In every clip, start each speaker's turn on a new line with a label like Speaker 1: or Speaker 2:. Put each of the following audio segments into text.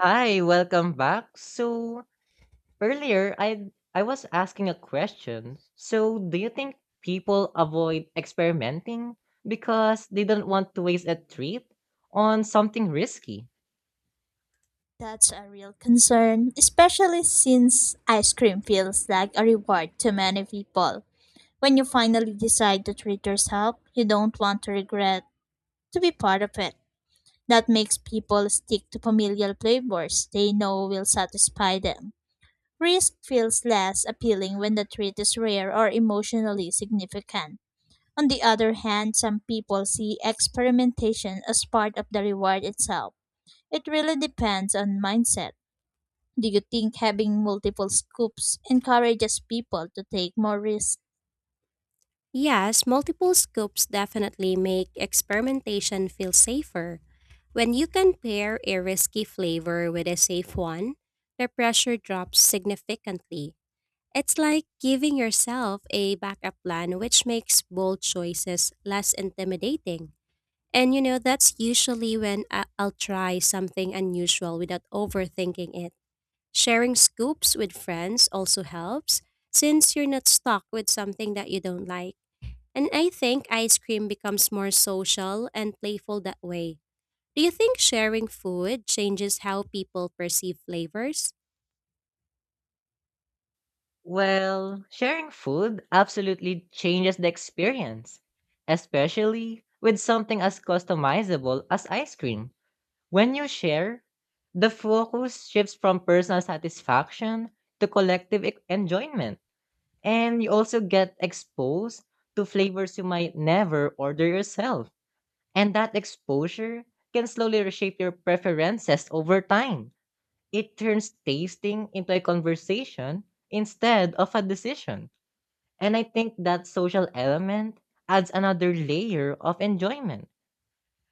Speaker 1: Hi, welcome back. So earlier I was asking a question. So do you think people avoid experimenting because they don't want to waste a treat on something risky?
Speaker 2: That's a real concern, especially since ice cream feels like a reward to many people. When you finally decide to treat yourself, you don't want to regret to be part of it. That makes people stick to familiar flavors they know will satisfy them. Risk feels less appealing when the treat is rare or emotionally significant. On the other hand, some people see experimentation as part of the reward itself. It really depends on mindset. Do you think having multiple scoops encourages people to take more risks?
Speaker 3: Yes, multiple scoops definitely make experimentation feel safer. When you can pair a risky flavor with a safe one, the pressure drops significantly. It's like giving yourself a backup plan, which makes bold choices less intimidating. And that's usually when I'll try something unusual without overthinking it. Sharing scoops with friends also helps, since you're not stuck with something that you don't like. And I think ice cream becomes more social and playful that way. Do you think sharing food changes how people perceive flavors?
Speaker 1: Well, sharing food absolutely changes the experience, especially with something as customizable as ice cream. When you share, the focus shifts from personal satisfaction to enjoyment. And you also get exposed to flavors you might never order yourself. And that exposure can slowly reshape your preferences over time. It turns tasting into a conversation instead of a decision. And I think that social element adds another layer of enjoyment.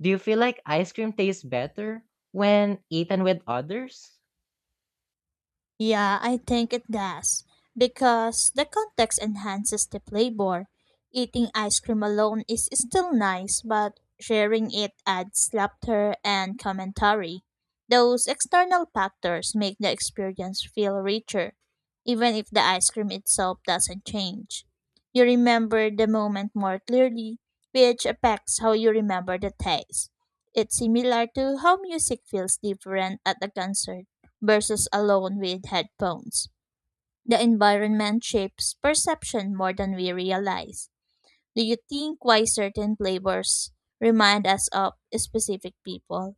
Speaker 1: Do you feel like ice cream tastes better when eaten with others?
Speaker 2: Yeah, I think it does. Because the context enhances the flavor. Eating ice cream alone is still nice, but sharing it adds laughter and commentary. Those external factors make the experience feel richer, even if the ice cream itself doesn't change. You remember the moment more clearly, which affects how you remember the taste. It's similar to how music feels different at a concert versus alone with headphones. The environment shapes perception more than we realize. Do you think why certain flavors remind us of specific people?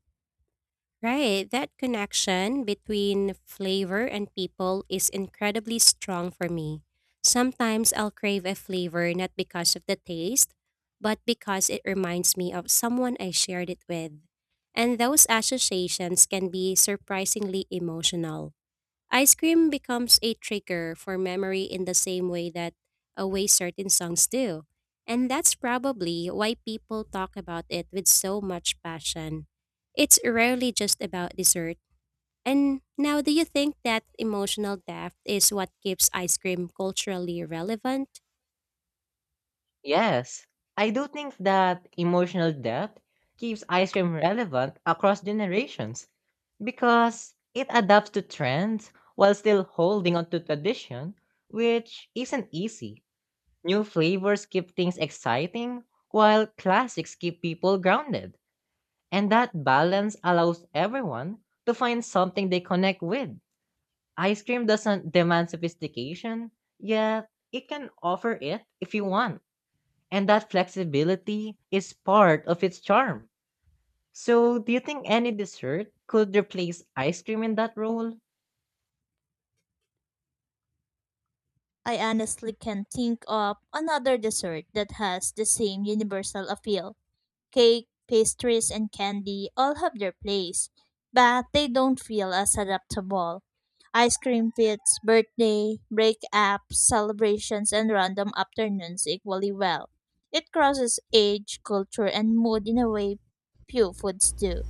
Speaker 3: Right, that connection between flavor and people is incredibly strong for me. Sometimes I'll crave a flavor not because of the taste, but because it reminds me of someone I shared it with. And those associations can be surprisingly emotional. Ice cream becomes a trigger for memory in the same way that away certain songs do. And that's probably why people talk about it with so much passion. It's rarely just about dessert. And now, do you think that emotional depth is what keeps ice cream culturally relevant?
Speaker 1: Yes, I do think that emotional depth keeps ice cream relevant across generations because it adapts to trends while still holding on to tradition, which isn't easy. New flavors keep things exciting while classics keep people grounded, and that balance allows everyone to find something they connect with. Ice cream doesn't demand sophistication, yet it can offer it if you want. And that flexibility is part of its charm. So, do you think any dessert could replace ice cream in that role?
Speaker 2: I honestly can't think of another dessert that has the same universal appeal. Cake, pastries, and candy all have their place, but they don't feel as adaptable. Ice cream fits birthday, breakups, celebrations, and random afternoons equally well. It crosses age, culture, and mood in a way few foods do.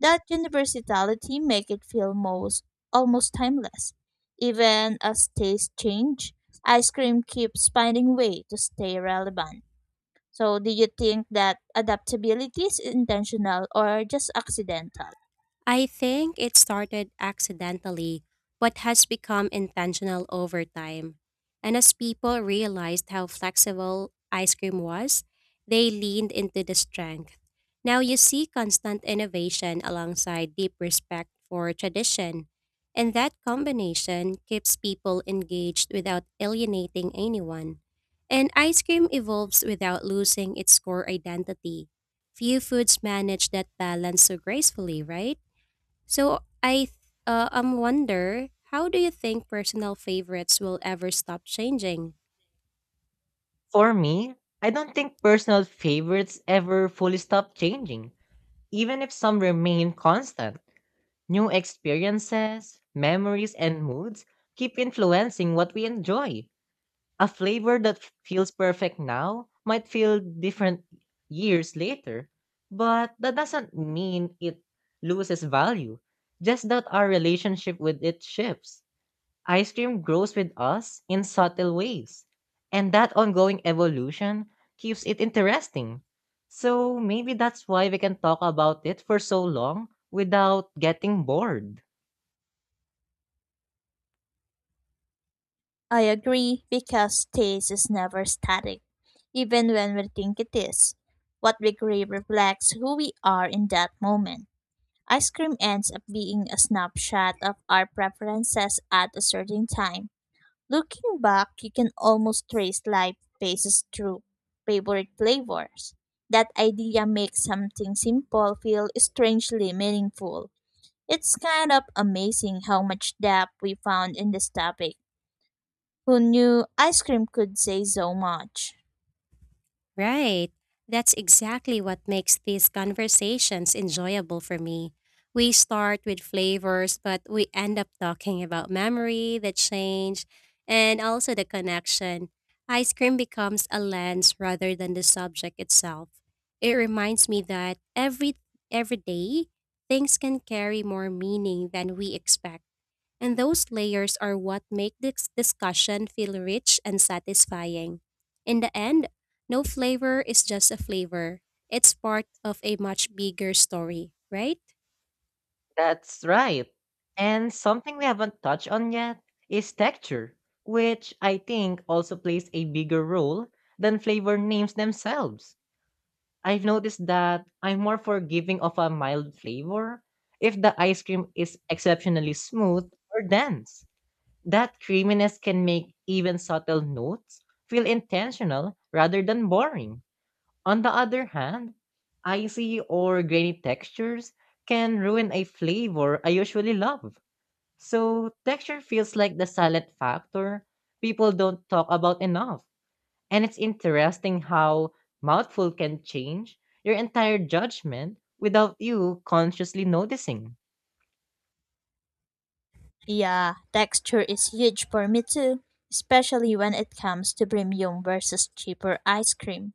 Speaker 2: That universality makes it feel most almost timeless. Even as tastes change, ice cream keeps finding way to stay relevant. So, do you think that adaptability is intentional or just accidental?
Speaker 3: I think it started accidentally, but has become intentional over time. And as people realized how flexible ice cream was, they leaned into the strength. Now you see constant innovation alongside deep respect for tradition. And that combination keeps people engaged without alienating anyone. And ice cream evolves without losing its core identity. Few foods manage that balance so gracefully, right? So I wonder, how do you think personal favorites will ever stop changing?
Speaker 1: For me, I don't think personal favorites ever fully stop changing, even if some remain constant. New experiences, memories, and moods keep influencing what we enjoy. A flavor that feels perfect now might feel different years later, but that doesn't mean it loses value, just that our relationship with it shifts. Ice cream grows with us in subtle ways, and that ongoing evolution keeps it interesting. So maybe that's why we can talk about it for so long without getting bored.
Speaker 2: I agree because taste is never static, even when we think it is. What we crave reflects who we are in that moment. Ice cream ends up being a snapshot of our preferences at a certain time. Looking back, you can almost trace life phases through favorite flavors. That idea makes something simple feel strangely meaningful. It's kind of amazing how much depth we found in this topic. Who knew ice cream could say so much?
Speaker 3: Right. That's exactly what makes these conversations enjoyable for me. We start with flavors, but we end up talking about memory, the change, and also the connection. Ice cream becomes a lens rather than the subject itself. It reminds me that every day things can carry more meaning than we expect. And those layers are what make this discussion feel rich and satisfying. In the end, no flavor is just a flavor, it's part of a much bigger story, right?
Speaker 1: That's right. And something we haven't touched on yet is texture, which I think also plays a bigger role than flavor names themselves. I've noticed that I'm more forgiving of a mild flavor if the ice cream is exceptionally smooth or dense. That creaminess can make even subtle notes feel intentional rather than boring. On the other hand, icy or grainy textures can ruin a flavor I usually love. So, texture feels like the silent factor people don't talk about enough. And it's interesting how mouthful can change your entire judgment without you consciously noticing.
Speaker 2: Yeah, texture is huge for me too, especially when it comes to premium versus cheaper ice cream.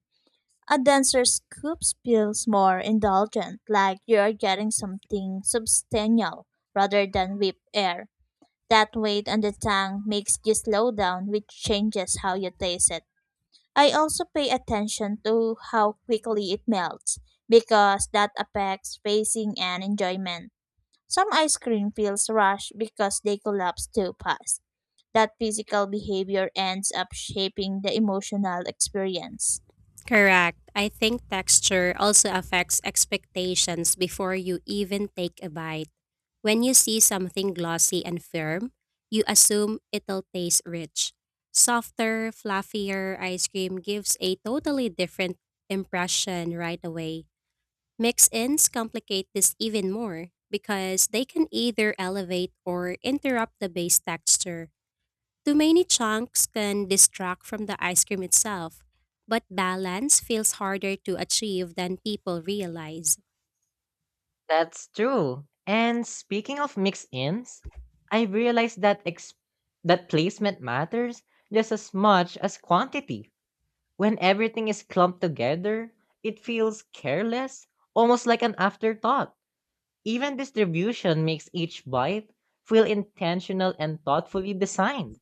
Speaker 2: A denser scoop feels more indulgent, like you're getting something substantial rather than whip air. That weight on the tongue makes you slow down, which changes how you taste it. I also pay attention to how quickly it melts, because that affects pacing and enjoyment. Some ice cream feels rushed because they collapse too fast. That physical behavior ends up shaping the emotional experience.
Speaker 3: Correct. I think texture also affects expectations before you even take a bite. When you see something glossy and firm, you assume it'll taste rich. Softer, fluffier ice cream gives a totally different impression right away. Mix ins complicate this even more because they can either elevate or interrupt the base texture. Too many chunks can distract from the ice cream itself, but balance feels harder to achieve than people realize.
Speaker 1: That's true. And speaking of mix-ins, I realized that placement matters just as much as quantity. When everything is clumped together, it feels careless, almost like an afterthought. Even distribution makes each bite feel intentional and thoughtfully designed.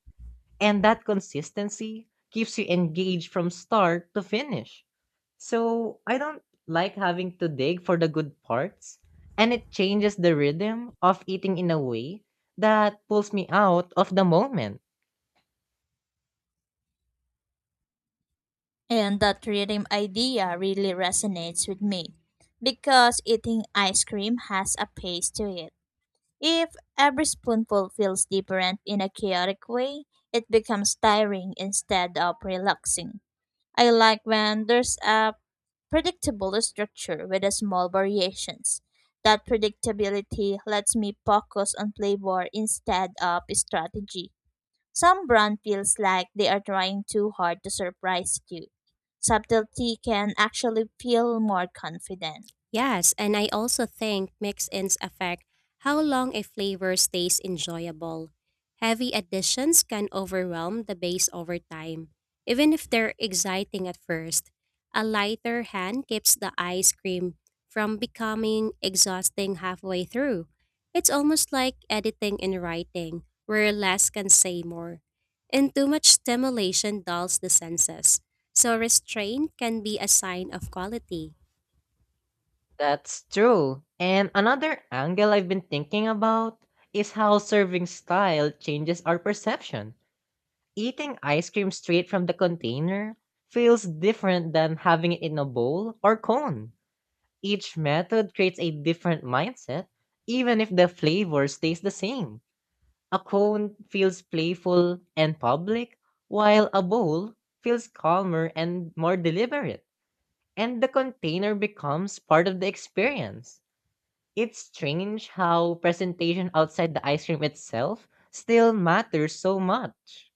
Speaker 1: And that consistency keeps you engaged from start to finish. So I don't like having to dig for the good parts, and it changes the rhythm of eating in a way that pulls me out of the moment.
Speaker 2: And that rhythm idea really resonates with me because eating ice cream has a pace to it. If every spoonful feels different in a chaotic way, it becomes tiring instead of relaxing. I like when there's a predictable structure with a small variations. That predictability lets me focus on flavor instead of strategy. Some brand feels like they are trying too hard to surprise you. Subtlety can actually feel more confident.
Speaker 3: Yes, and I also think mix-ins affect how long a flavor stays enjoyable. Heavy additions can overwhelm the base over time, even if they're exciting at first. A lighter hand keeps the ice cream from becoming exhausting halfway through. It's almost like editing and writing, where less can say more. And too much stimulation dulls the senses, so restraint can be a sign of quality.
Speaker 1: That's true. And another angle I've been thinking about is how serving style changes our perception. Eating ice cream straight from the container feels different than having it in a bowl or cone. Each method creates a different mindset, even if the flavor stays the same. A cone feels playful and public, while a bowl feels calmer and more deliberate. And the container becomes part of the experience. It's strange how presentation outside the ice cream itself still matters so much.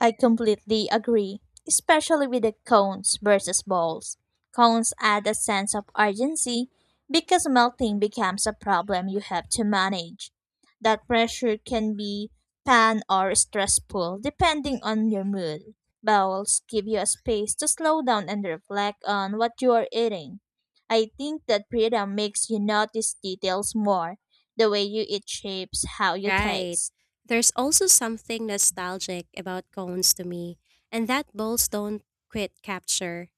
Speaker 2: I completely agree, especially with the cones versus balls. Cones add a sense of urgency because melting becomes a problem you have to manage. That pressure can be pan or stressful depending on your mood. Bowls give you a space to slow down and reflect on what you are eating. I think that freedom makes you notice details more. The way you eat shapes how you
Speaker 3: Right.
Speaker 2: taste.
Speaker 3: There's also something nostalgic about cones to me, and that bowls don't quit capture.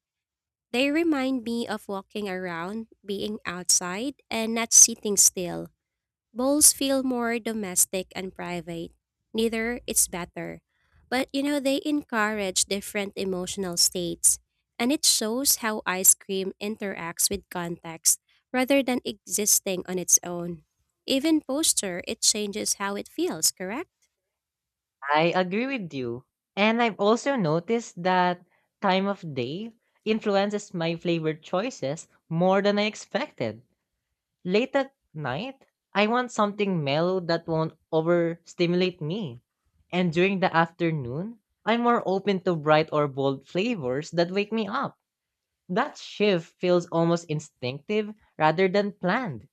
Speaker 3: They remind me of walking around, being outside, and not sitting still. Bowls feel more domestic and private. Neither is better. But they encourage different emotional states. And it shows how ice cream interacts with context rather than existing on its own. Even posture, it changes how it feels, correct?
Speaker 1: I agree with you. And I've also noticed that time of day influences my flavor choices more than I expected. Late at night, I want something mellow that won't overstimulate me. And during the afternoon, I'm more open to bright or bold flavors that wake me up. That shift feels almost instinctive rather than planned,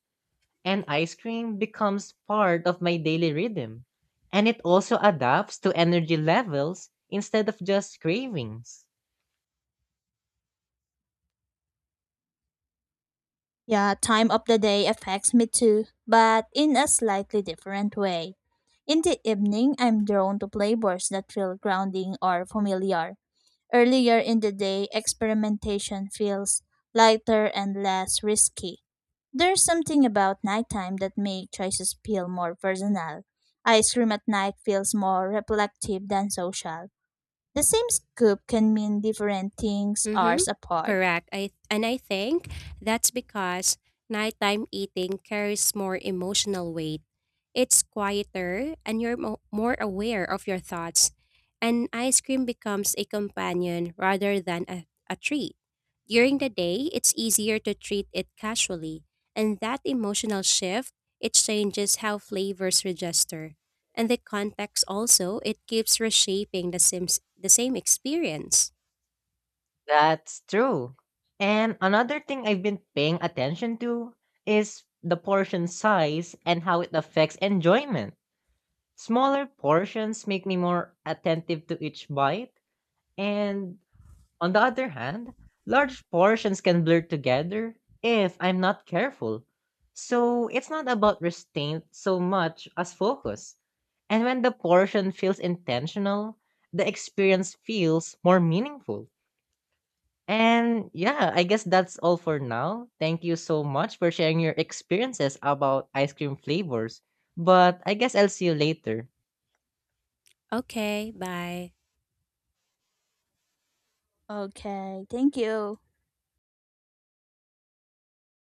Speaker 1: and ice cream becomes part of my daily rhythm. And it also adapts to energy levels instead of just cravings.
Speaker 2: Yeah, time of the day affects me too, but in a slightly different way. In the evening, I'm drawn to flavors that feel grounding or familiar. Earlier in the day, experimentation feels lighter and less risky. There's something about nighttime that makes choices feel more personal. Ice cream at night feels more reflective than social. The same scoop can mean different things
Speaker 3: Mm-hmm.
Speaker 2: hours apart.
Speaker 3: Correct. I and I think that's because nighttime eating carries more emotional weight. It's quieter and you're more aware of your thoughts. And ice cream becomes a companion rather than a treat. During the day, it's easier to treat it casually, and that emotional shift, it changes how flavors register. And the context also, it keeps reshaping the same experience.
Speaker 1: That's true. And another thing I've been paying attention to is the portion size and how it affects enjoyment. Smaller portions make me more attentive to each bite, and on the other hand, large portions can blur together if I'm not careful. So it's not about restraint so much as focus. And when the portion feels intentional, the experience feels more meaningful. And yeah, I guess that's all for now. Thank you so much for sharing your experiences about ice cream flavors. But I guess I'll see you later.
Speaker 3: Okay, bye.
Speaker 2: Okay, thank you.